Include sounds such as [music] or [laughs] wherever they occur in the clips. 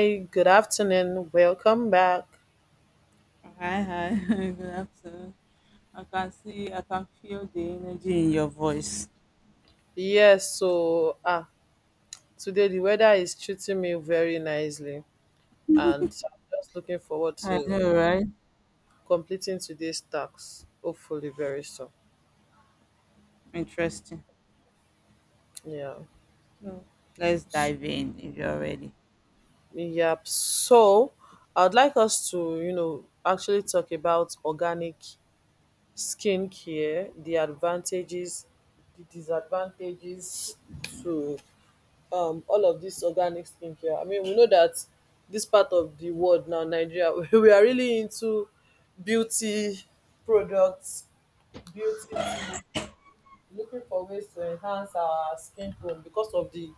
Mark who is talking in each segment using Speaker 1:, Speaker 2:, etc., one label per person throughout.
Speaker 1: Hey. Good afternoon. Welcome back.
Speaker 2: Hi, hi. [laughs] Good afternoon. I can see, I can feel the energy in your voice.
Speaker 1: Yes, so today the weather is treating me very nicely, and I'm just looking forward
Speaker 2: I
Speaker 1: to
Speaker 2: know, right?
Speaker 1: completing today's tasks, hopefully very soon.
Speaker 2: Interesting.
Speaker 1: Yeah,
Speaker 2: So let's dive in if you're ready.
Speaker 1: yep. So I'd like us to actually talk about organic skincare, the advantages, the disadvantages to all of this organic skincare. I mean, we know that this part of the world, now Nigeria, [laughs] we are really into beauty products, beauty tea, looking for ways to enhance our skin tone because of the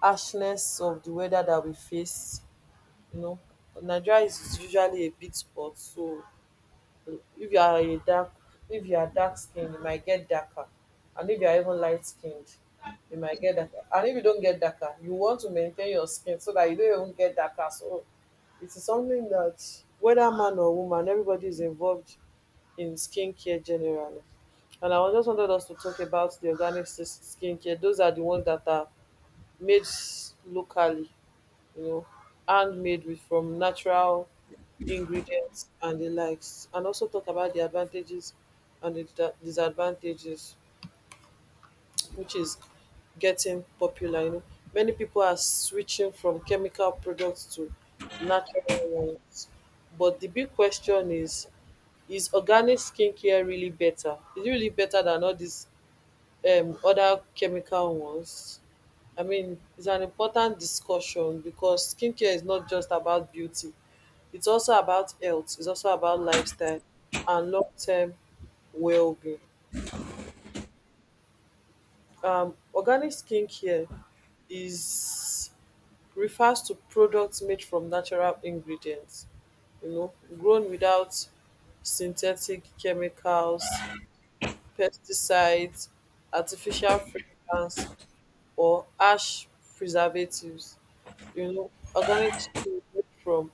Speaker 1: harshness of the weather that we face. You know, Nigeria is usually a big spot, so if you are a dark if you are dark skinned you might get darker, and if you are even light skinned you might get darker, and if you don't get darker you want to maintain your skin so that you don't even get darker. So it is something that whether man or woman, everybody is involved in skincare generally. And I was just wanted us to talk about the organic skincare. Those are the ones that are made locally, you know, handmade with from natural ingredients and the likes, and also talk about the advantages and the disadvantages, which is getting popular. You know, many people are switching from chemical products to natural ones, but the big question is: is organic skincare really better? Is it really better than all these other chemical ones? I mean, it's an important discussion because skincare is not just about beauty. It's also about health. It's also about lifestyle and long-term well-being. Organic skincare is refers to products made from natural ingredients, you know, grown without synthetic chemicals, pesticides, artificial fragrance, or ash preservatives. You know, organic food made from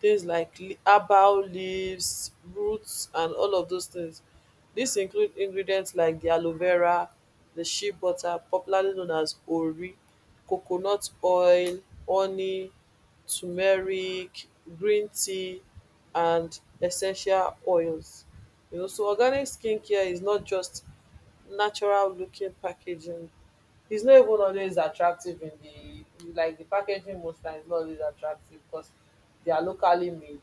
Speaker 1: things like herbal leaves, roots, and all of those things. Dis include ingredients like the aloe vera, the shea butter popularly known as ori, coconut oil, honey, turmeric, green tea, and essential oils. You know, so organic skincare is not just natural looking packaging. It's not even always attractive in the like the packaging most times, not always attractive because they are locally made.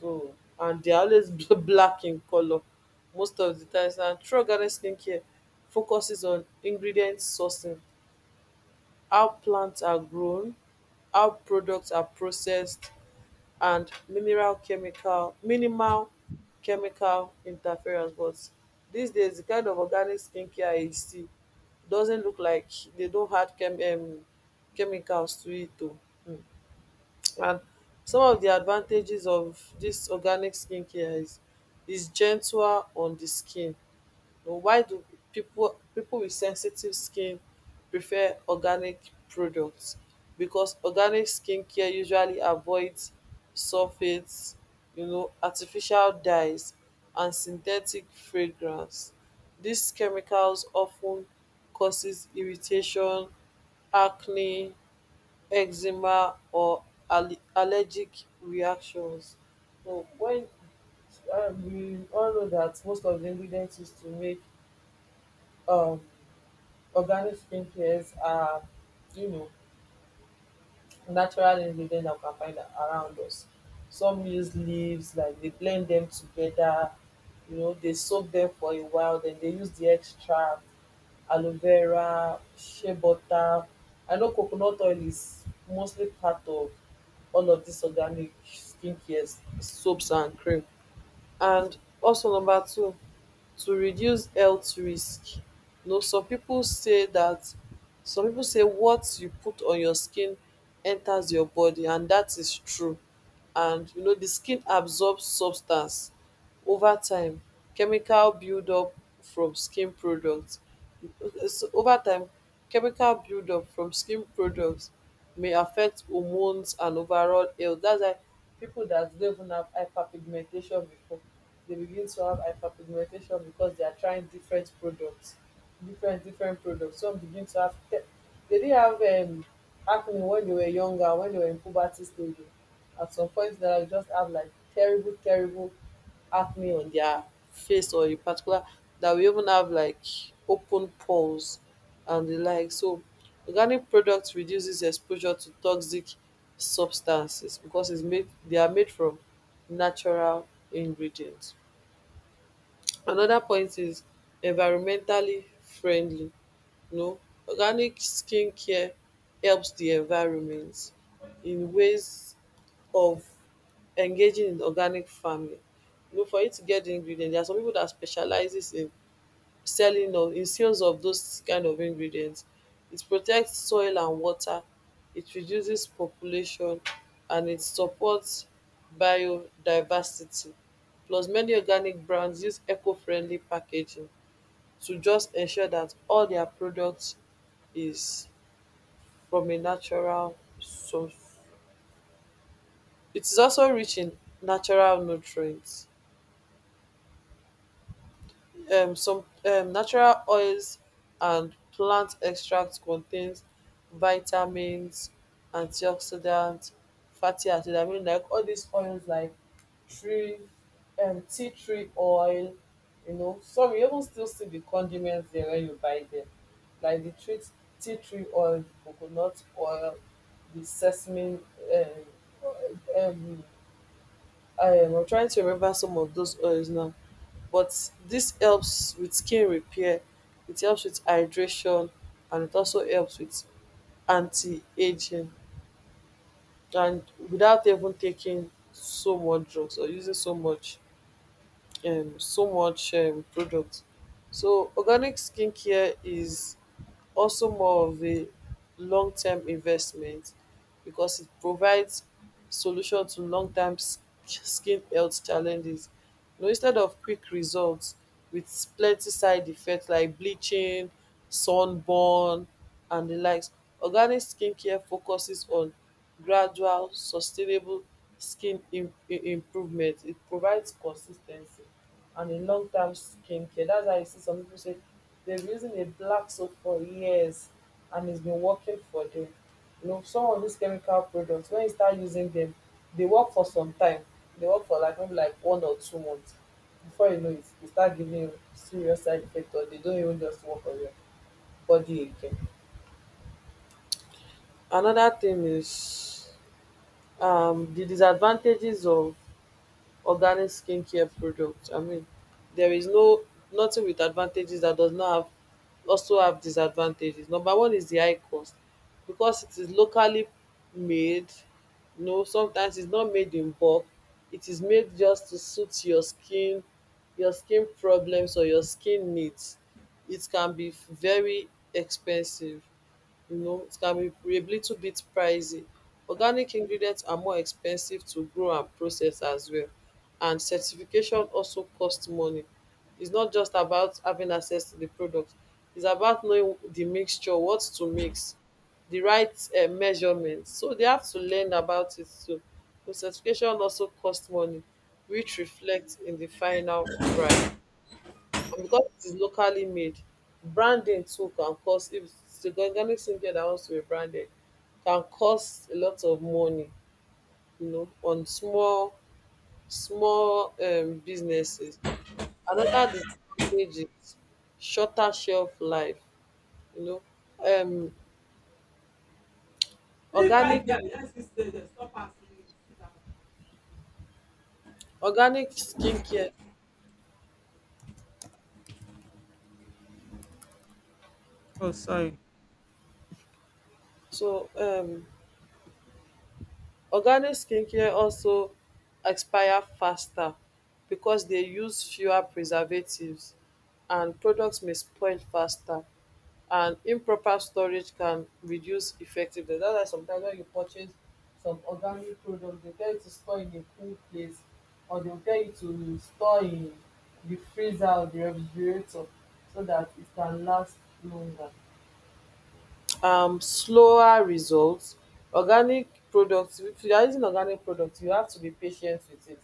Speaker 1: So and they are always [laughs] black in color most of the times. And Tro Garden Skincare focuses on ingredient sourcing, how plants are grown, how products are processed, and mineral chemical minimal chemical interference. But these days the kind of organic skincare you see doesn't look like they don't add chemicals to it too. And some of the advantages of this organic skincare is gentler on the skin. But why do people with sensitive skin prefer organic products? Because organic skincare usually avoids sulfates, you know, artificial dyes, and synthetic fragrance. These chemicals often causes irritation, acne, eczema, or allergic reactions. So when we all know that most of the ingredients used to make um organic skincare are, you know, natural ingredients that we can find around us. Some use leaves, like they blend them together, you know, they soak them for a while, then they use the extract. Aloe vera, shea butter, I know coconut oil is mostly part of all of these organic skincare soaps and cream. And also number two, to reduce health risk. You know, some pipu say what you put on your skin enters your body, and dat is true. And you know, the skin absorbs substance over time, chemical buildup from skin products. So over time, chemical buildup from skin products may affect hormones and overall health. That's why pipu dat don even have hyperpigmentation before, they begin to have hyperpigmentation because they are trying different products, different products. Some begin to have dey didn't have acne when dey were younger. When dey were in puberty stage, at some point in their life, just have like terrible, terrible acne on their face or in particular that we even have like open pores and the like. So organic products reduces exposure to toxic substances because it's made they are made from natural ingredients. Another point is environmentally friendly. No, organic skincare helps the environment in ways of engaging in organic farming. You know, for you to get the ingredient, there are some people that specializes in selling or in sales of those kind of ingredients. It protects soil and water, it reduces population, and it supports biodiversity. Plus, many organic brands use eco-friendly packaging to just ensure that all their products is from a natural source. It is also rich in natural nutrients. Some Natural oils and plant extracts contains vitamins, antioxidants, fatty acids. I mean, like all these oils like tree tea tree oil, you know, some you even still see the condiments there when you buy them, like the tree tea tree oil, the coconut oil, the sesame, um um I'm trying to remember some of those oils now. But this helps with skin repair, it helps with hydration, and it also helps with anti-ageing, and without even taking so much drugs or using so much so much product. So organic skincare is also more of a long-term investment because it provides solution to skin health challenges. You know, instead of quick results with plenty side effects like bleaching, sunburn, and the likes, organic skincare focuses on gradual sustainable skin improvement. It provides consistency and a term skincare. That's why you see some people say they've been using a black soap for years and it's been working for them. You know, some of these chemical products, when you start using them, they work for some time. They work for like maybe like 1 or 2 months. Before you know it, they start giving you serious side effects, or they don't even just work on your body again. Another thing is the disadvantages of organic skincare products. I mean, there is nothing with advantages that does not have also have disadvantages. Number one is the high cost because it is locally made. You know, sometimes it's not made in bulk. It is made just to suit your skin problems, or your skin needs. It can be very expensive. You know, it can be a little bit pricey. Organic ingredients are more expensive to grow and process as well, and certification also costs money. It's not just about having access to the product, it's about knowing the mixture, what to mix, the right measurements, so they have to learn about it too. So certification also costs money, which reflects in the final price. And because it is locally made, branding too can cost. If it's the organic skincare that wants to be branded, can cost a lot of money, you know, on small small businesses. Another disadvantage is shorter shelf life, you know. Um
Speaker 2: Leave that
Speaker 1: organic
Speaker 2: girl. Let's stay there. Stop asking me. Sit down.
Speaker 1: organic skincare.
Speaker 2: Oh, sorry.
Speaker 1: So organic skincare also expire faster because they use fewer preservatives, and products may spoil faster, and improper storage can reduce effectiveness. That's why sometimes when you purchase some organic product, they tell you to store in a cool place, or they will tell you to store in the freezer or the refrigerator so that it can last longer. Slower results. Organic products, if you are using organic products, you have to be patient with it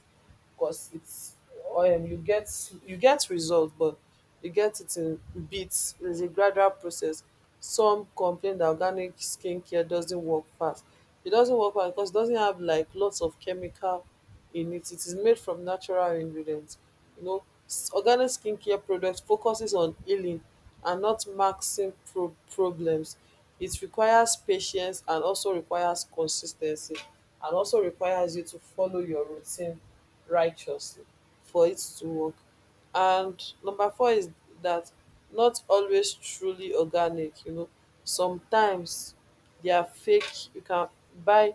Speaker 1: because it's you get results, but you get it in bits. It's a gradual process. Some complain that organic skincare doesn't work fast. It doesn't work fast because it doesn't have like lots of chemical in it. It is made from natural ingredients. You know, organic skincare products focuses on healing and not maxing problems. It requires patience and also requires consis ten cy and also requires you to follow your routine righteously for it to work. And number four is that not always truly organic, you know. Sometimes they are fake, you can buy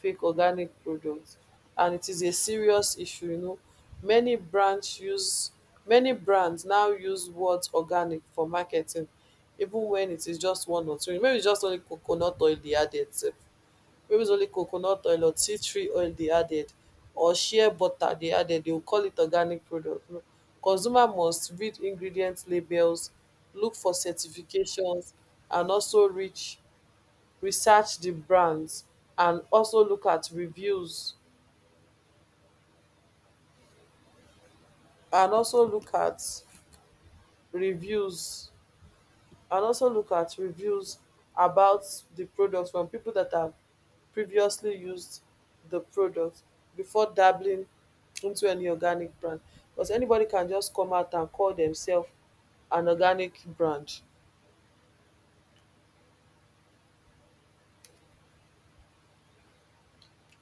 Speaker 1: fake organic products, and it is a serious issue, you know. Many brands use Many brands now use words organic for marketing, even when it is just one or two. Maybe it's just only coconut oil they added sef. Maybe it's only coconut oil or tea tree oil they added, or shea butter they added, they will call it organic product. No, consumer must read ingredient labels, look for certifications, and also reach research the brands, and also look at reviews and also look at reviews and also look at reviews about the products from people that have previously used the product before dabbling into any organic brand, because anybody can just come out and call themselves an organic brand.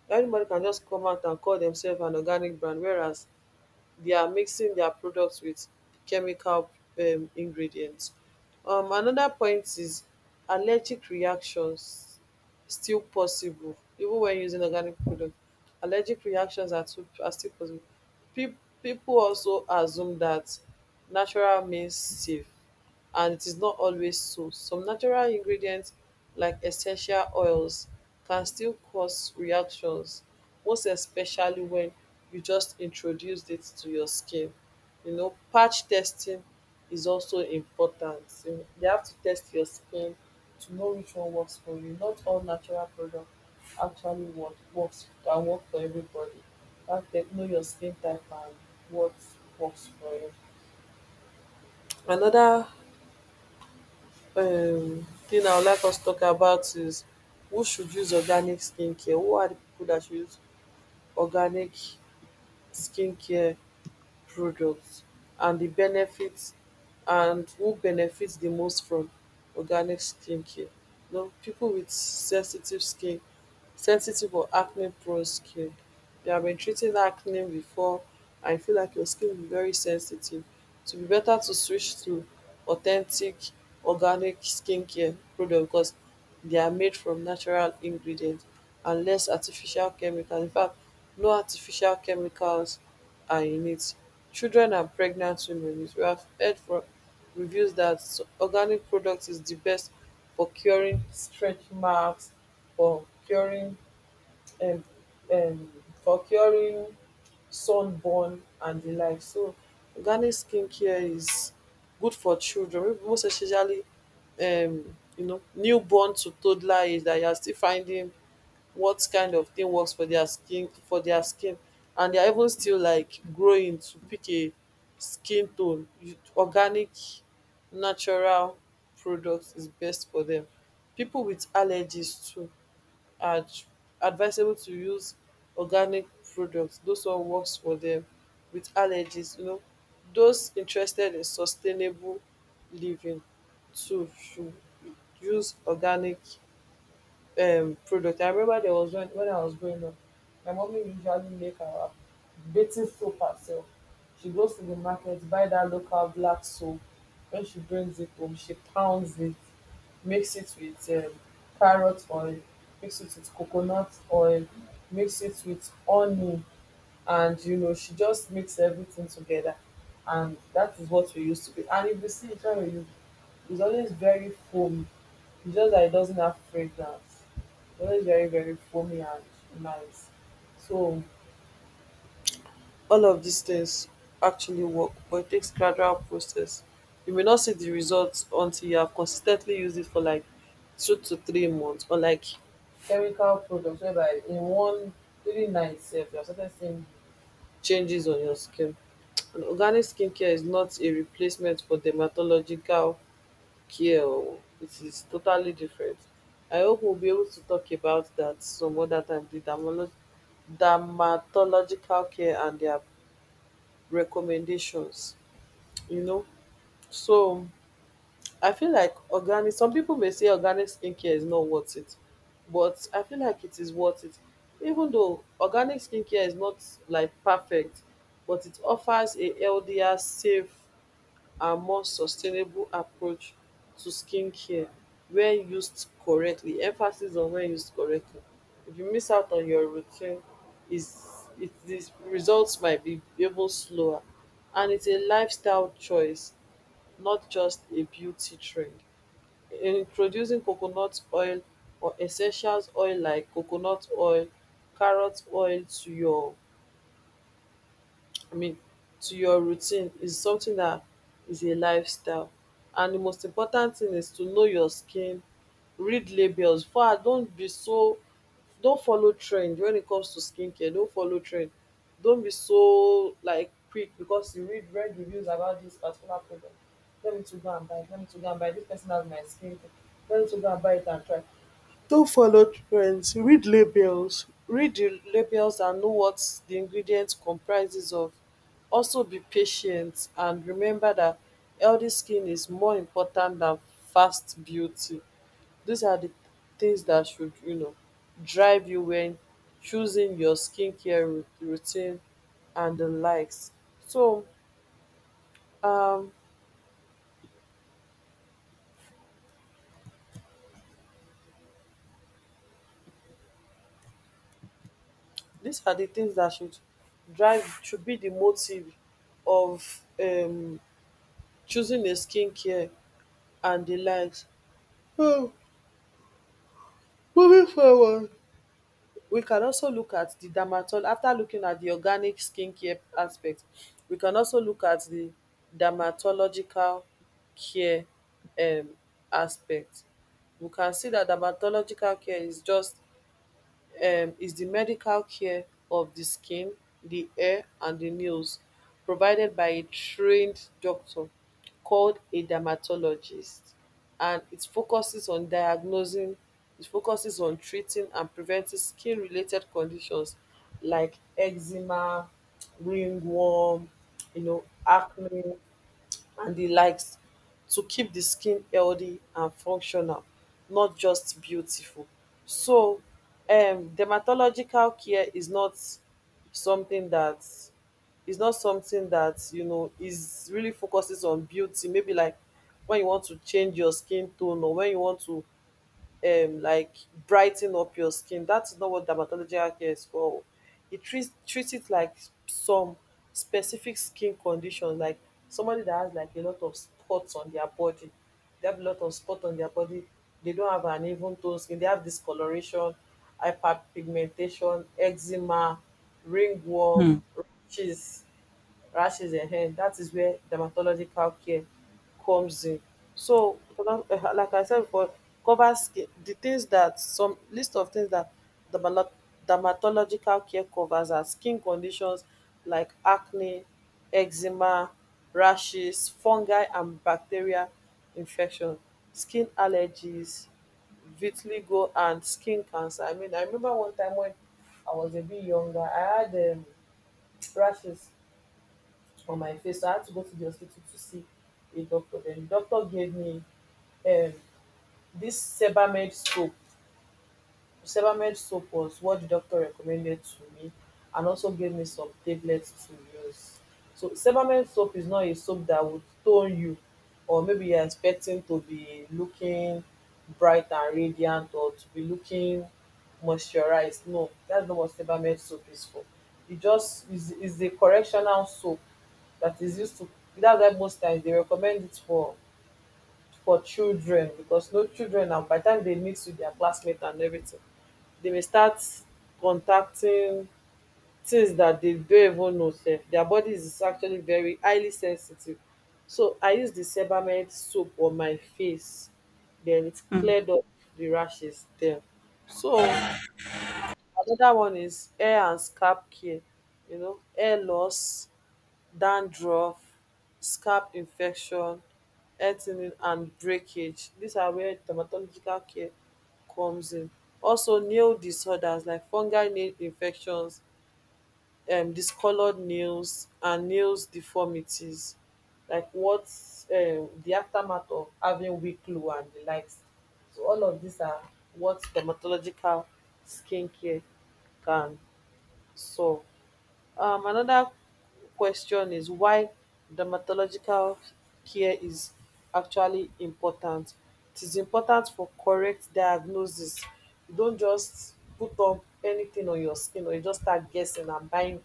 Speaker 1: Anybody can just come out and call themselves an organic brand, whereas they are mixing their products with chemical ingredients. Another point is allergic reactions still possible even when using organic product. Allergic reactions are still possible. Pe people also assume that natural means safe, and it is not always so. Some natural ingredients like essential oils can still cause reactions, most especially when you just introduced it to your skin. You know, patch testing is also important. So, you know, they have to test your skin to know which one works for you. Not all natural products actually works can work for everybody. You have to know your skin type and what works for you. Another thing I would like us to talk about is, who should use organic skincare? Who are the people that should use organic skincare products, and the benefits, and who benefits the most from organic skincare? You know, pipu wit sensitive skin, sensitive or acne prone skin. They have been treating acne before and you feel like your skin will be very sensitive, so it will be better to switch to authentic organic skincare product because they are made from natural ingredients and less artificial chemicals. In fact, no artificial chemicals are in it. Children and pregnant women, we have heard from reviews that organic product is the best for curing stretch marks, for curing, and um, for curing sunburn and the like. So organic skincare is good for children, most especially, you know, newborn to toddler age, that you are still finding what kind of thing works for their skin for their skin, and they are even still like growing to pick a skin tone. You- organic natural product is best for them. People with allergies too are advisable to use organic products. Those one works for them with allergies, you know. Those interested in sustainable living too should use organic product. I remember there was when I was growing up, my mommy usually make her bathing soap herself. She goes to the market, buy that local black soap. When she brings it home, she pounds it, mix it with carrot oil, mix it with coconut oil, mix it with honey, and you know she just mix everything together, and that is what we used to be. And if you see it when we use, it's always very foamy, it's just that it doesn't have fragrance. But it's very, very foamy and nice. So all of these things actually work, but it takes gradual process. You may not see the results until you have consistently used it for like 2 to 3 months, or like chemical products whereby in one three night sef you have started seeing changes on your skin. And organic skincare is not a replacement for dermatological care, oh, it is totally different. I hope we'll be able to talk about that some other time, the dermatological care and their recommendations. You know, so I feel like organic. Some people may say organic skincare is not worth it, but I feel like it is worth it. Even though organic skincare is not like perfect, but it offers a healthier, safe and more sustainable approach to skincare when used correctly. Emphasis on when used correctly. If you miss out on your routine is it the results might be even slower, and it's a lifestyle choice, not just a beauty trend. Introducing coconut oil or essentials oil like coconut oil, carrot oil, to your, I mean, to your routine is something that is a lifestyle. And the most important thing is to know your skin, read labels. Far don't be so, don't follow trend when it comes to skincare. Don't follow trend. Don't be so like quick because you read reviews about this particular product. Let me to go and buy. Let me to go and buy. This person has my skin. Let me to go and buy it and try. Don't follow trends, read labels, read di labels and know what the ingredient comprises of. Also be patient and remember that healthy skin is more important than fast beauty. These are the things that should, you know, drive you when choosing your skincare routine and the likes. So, um these are the things that should drive, should be the motive of choosing a skincare and the likes. um Moving forward, we can also look at the dermatol, after looking at the organic skincare aspect, we can also look at the dermatological care um aspect. We can see that dermatological care is just, is di medical care of di skin, di hair and di nails, provided by a trained doctor called a dermatologist, and it focuses on diagnosing, it focuses on treating and preventing skin-related conditions like eczema, ringworm, you know, acne and di likes, to keep the skin healthy and functional, not just beautiful. So dermatological care is not something that is, not something that, you know, is really focuses on beauty. Maybe like when you want to change your skin tone, or when you want to like brighten up your skin. That's not what dermatological care is for. It treats it like some specific skin condition, like somebody that has like a lot of spots on their body. They have a lot of spot on their body. They don't have an even tone skin. They have discoloration, hyperpigmentation, eczema, ringworm,
Speaker 2: Hmm.
Speaker 1: rashes, that is where dermatological care comes in. So like I, said before, covers skin, the things that, some list of things that dermalo- dermatological care covers, are skin conditions like acne, eczema, rashes, fungi and bacteria infection, skin allergies, vitiligo and skin cancer. I mean, I remember one time when I was a bit younger, I had rashes on my face. So I had to go to the hospital to see a doctor. Then the doctor gave me, um, this Sebamed scope, Sebamed soap was what the doctor recommended to me, and also gave me some tablets to use. So Sebamed soap is not a soap that would tone you, or maybe you're expecting to be looking bright and radiant or to be looking moisturized. No, that's not what Sebamed soap is for. It just is a correctional soap that is used to, that's why most times they recommend it for children, because no children now by the time they meet with their classmates and everything, they may start contacting things that they don't even know sef. Their body is actually very highly sensitive. So I use the Sebamed soap on my face, then it
Speaker 2: Hmm.
Speaker 1: cleared up the rashes there. So another one is hair and scalp care. You know, hair loss, dandruff, scalp infection, earthing and breakage. These are where dermatological care comes in. Also, nail disorders like fungal nail infections, discolored nails, and nails deformities, like what, the aftermath of having weak glue and the likes. So, all of these are what dermatological skincare can solve. Another question is why dermatological care is actually important. It is important for correct diagnosis. You don't just put on anything on your skin, or you just start guessing and buying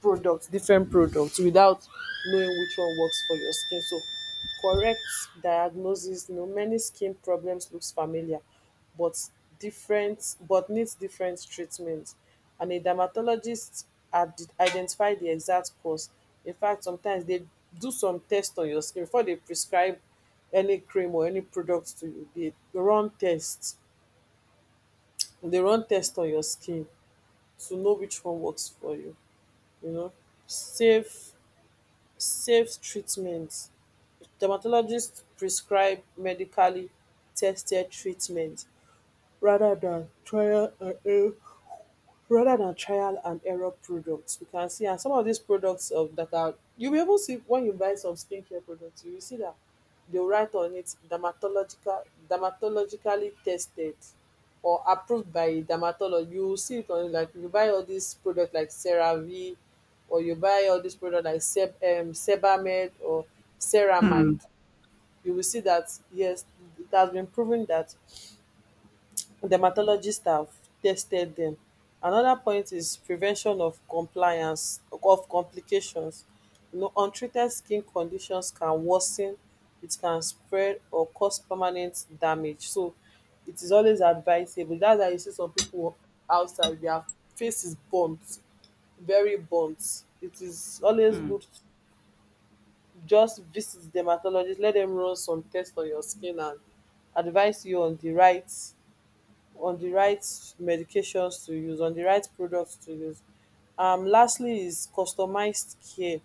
Speaker 1: products, different products, without knowing which one works for your skin. So correct diagnosis, you know, many skin problems looks familiar but different, but needs different treatment, and a dermatologist identify the exact cause. In fact, sometimes they do some test on your skin before they prescribe any cream or any product to you. They run test, they run test, on your skin to know which one works for you, you know, safe, safe treatment. Dermatologists prescribe medically tested treatment, rather than trial and error, rather than trial and error products. We can see, and some of these products of that are, you will be even see when you buy some skincare products, you will see that they'll write on it dermatological, dermatologically tested or approved by a dermatologist. You will see it on it like you buy all these products like CeraVe, or you buy all these products like Seb, Sebamed or
Speaker 2: Hmm.
Speaker 1: Ceramide. You will see that yes, it has been proven that dermatologists have tested them. Another point is prevention of compliance, of complications. You know, untreated skin conditions can worsen, it can spread or cause permanent damage. So it is always advisable. That's why you see some people outside, their face is burnt, very burnt. It is always
Speaker 2: Hmm.
Speaker 1: good to just visit dermatologist, let them run some tests on your skin and advise you on the right, on the right medications to use, on the right products to use. Lastly is customized care.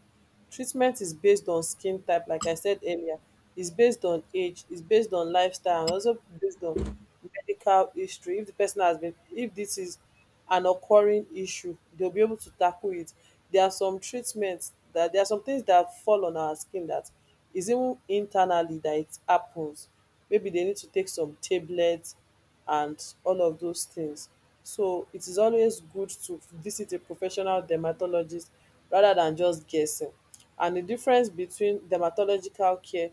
Speaker 1: Treatment is based on skin type, like I said earlier, is based on age, is based on lifestyle, and also based on medical history. If the person has been, if this is an occurring issue, they'll be able to tackle it. There are some treatments that, there are some things that fall on our skin that is even internally that it happens. Maybe they need to take some tablets and all of those things. So it is always good to visit a professional dermatologist rather than just guessing. And the difference between dermatological care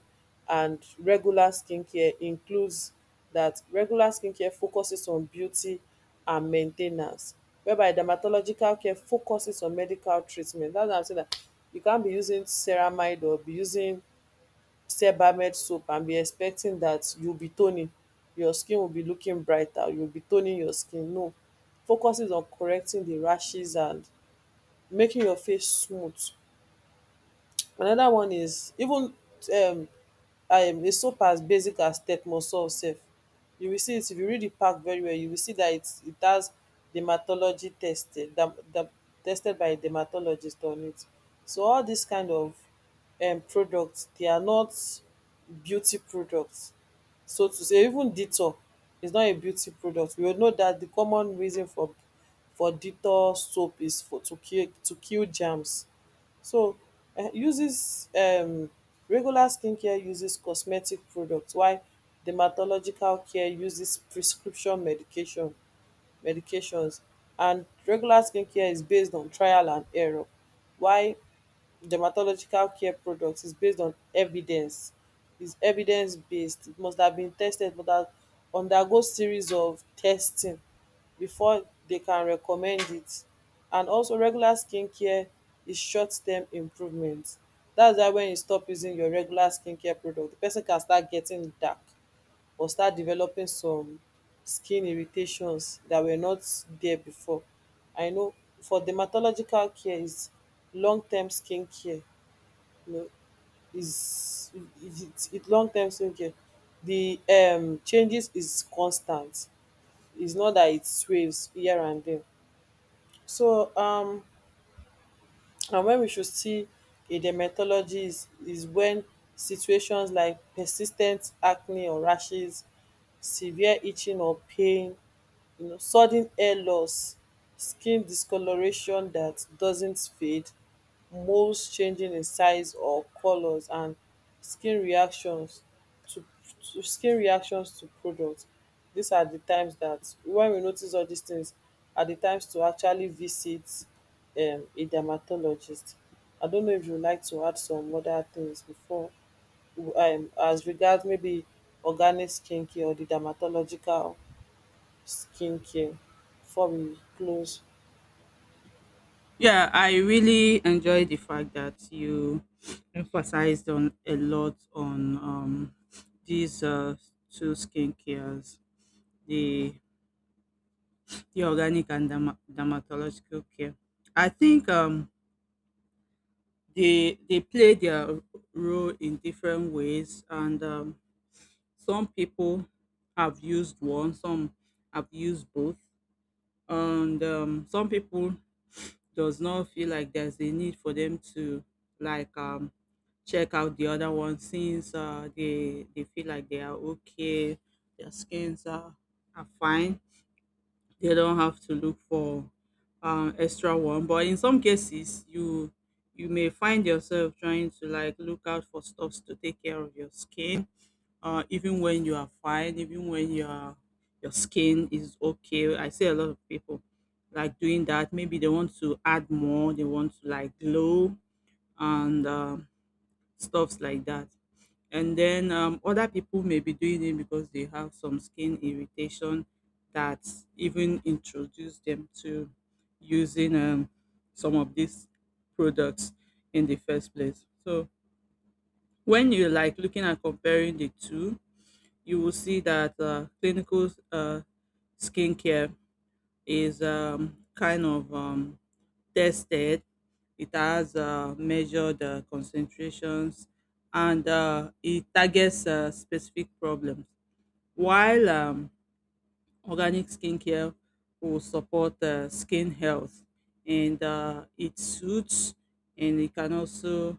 Speaker 1: and regular skincare includes that regular skincare focuses on beauty and maintenance, whereby dermatological care focuses on medical treatment. That's why I'm saying that you can't be using ceramide or be using sebamed soap and be expecting that you'll be toning. Your skin will be looking brighter, you'll be toning your skin. No. Focuses on correcting the rashes and making your face smooth. Another one is even, um, a soap as basic as Tetmosol sef. You will see it if you read the pack very well. You will see that it has dermatology tested, dam, dam, tested by a dermatologist on it. So all these kind of, products, they are not beauty products. So to say, even Dettol is not a beauty product. We all know that the common reason for, Dettol soap is for to kill, to kill germs. So uses regular skincare uses cosmetic products, while dermatological care uses prescription medication, medications, and regular skincare is based on trial and error, while dermatological care products is based on evidence, is evidence based. It must have been tested, must have undergo series of testing before they can recommend it. And also regular skincare is short term improvement. That's why when you stop using your regular skincare product, the person can start getting dark or start developing some skin irritations that were not there before. I know for dermatological care is long term skincare, you know, is it, long term skincare. The changes is constant. It's not that it sways here and there. So and when we should see a dermatologist is when situations like persistent acne or rashes, severe itching or pain, you know, sudden hair loss, skin discoloration that doesn't fade, moles changing in size or colours, and skin reactions to, skin reactions to products. These are the times that when we notice all these things are the times to actually visit a dermatologist. I don't know if you would like to add some other things before, as regards maybe organic skincare or the dermatological skincare before we close.
Speaker 2: Yeah, I really enjoy the fact that you emphasized on a lot on these two skincares, the the organic and dermatological care. I think they play their role in different ways, and some people have used one, some have used both, and some people does not feel like there's a need for them to like check out the other one since they feel like they are okay, their skins are fine. They don't have to look for extra one, but in some cases you may find yourself trying to like look out for stuffs to take care of your skin, even when you are fine, even when your skin is okay. I see a lot of people like doing that. Maybe they want to add more, they want to like glow and stuffs like that. And then other people may be doing it because they have some skin irritation that even introduce them to using some of these products in the first place. So when you like looking at comparing the two, you will see that clinical uh, skincare is kind of tested. It has measured concentrations and it targets specific problems. While organic skincare will support skin health, and it suits, and it can also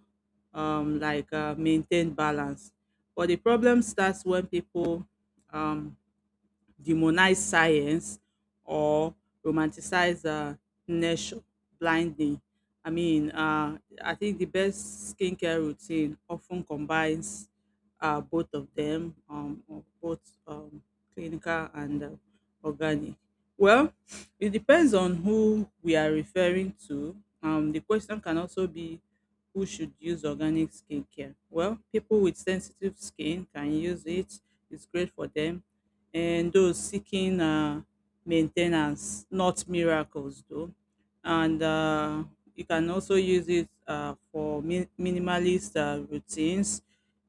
Speaker 2: like maintain balance. But the problem starts when people um, demonize science or romanticize nature blindly. I mean, I think the best skincare routine often combines both of them, or both um, clinical and organic. Well, it depends on who we are referring to. The question can also be: who should use organic skincare? Well, people with sensitive skin can use it, it's great for them, and those seeking maintenance, not miracles, though. And you can also use it for minimalist routines,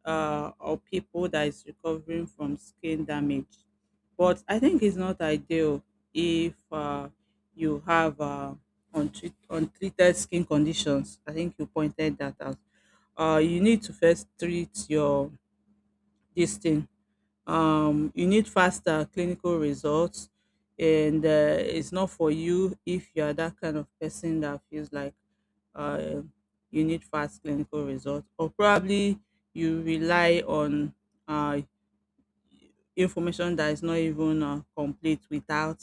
Speaker 2: or people that is recovering from skin damage. But I think it's not ideal if you have untreated skin conditions. I think you pointed that out. You need to first treat your this thing. You need faster clinical results, and it's not for you if you are that kind of person that feels like uh, you need fast clinical results, or probably you rely on uh, information that is not even complete without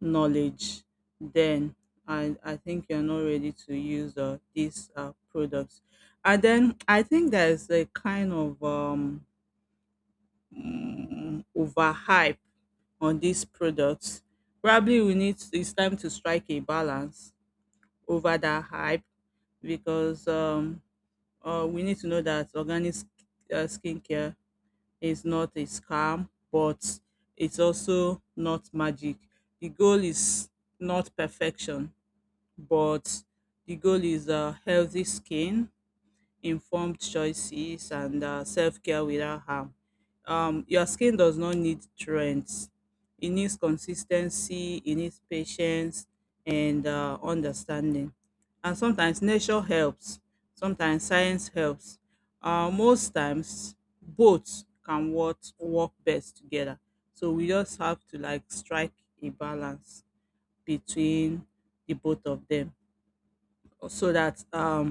Speaker 2: knowledge. Then I think you're not ready to use these products. And then I think there's a kind of overhype on these products. Probably we need it's time to strike a balance over that hype, because we need to know that skincare is not a scam, but it's also not magic. The goal is not perfection, but the goal is a healthy skin, informed choices and self-care without harm. Your skin does not need trends. It needs consistency, it needs patience and understanding. And sometimes nature helps, sometimes science helps. Most times, both can work best together. So we just have to like strike a balance between the both of them, so that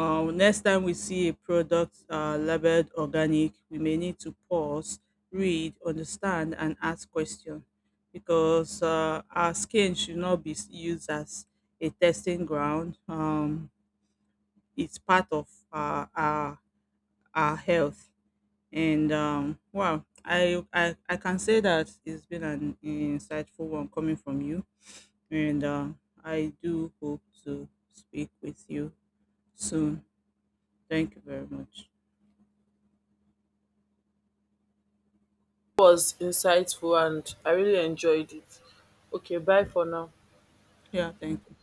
Speaker 2: next time we see a product labeled organic, we may need to pause, read, understand, and ask questions, because our skin should not be used as a testing ground. It's part of our health. And well, I can say that it's been an insightful one coming from you. And I do hope to speak with you soon. Thank you very much.
Speaker 1: Was insightful and I really enjoyed it. Okay, bye for now.
Speaker 2: Yeah, thank you.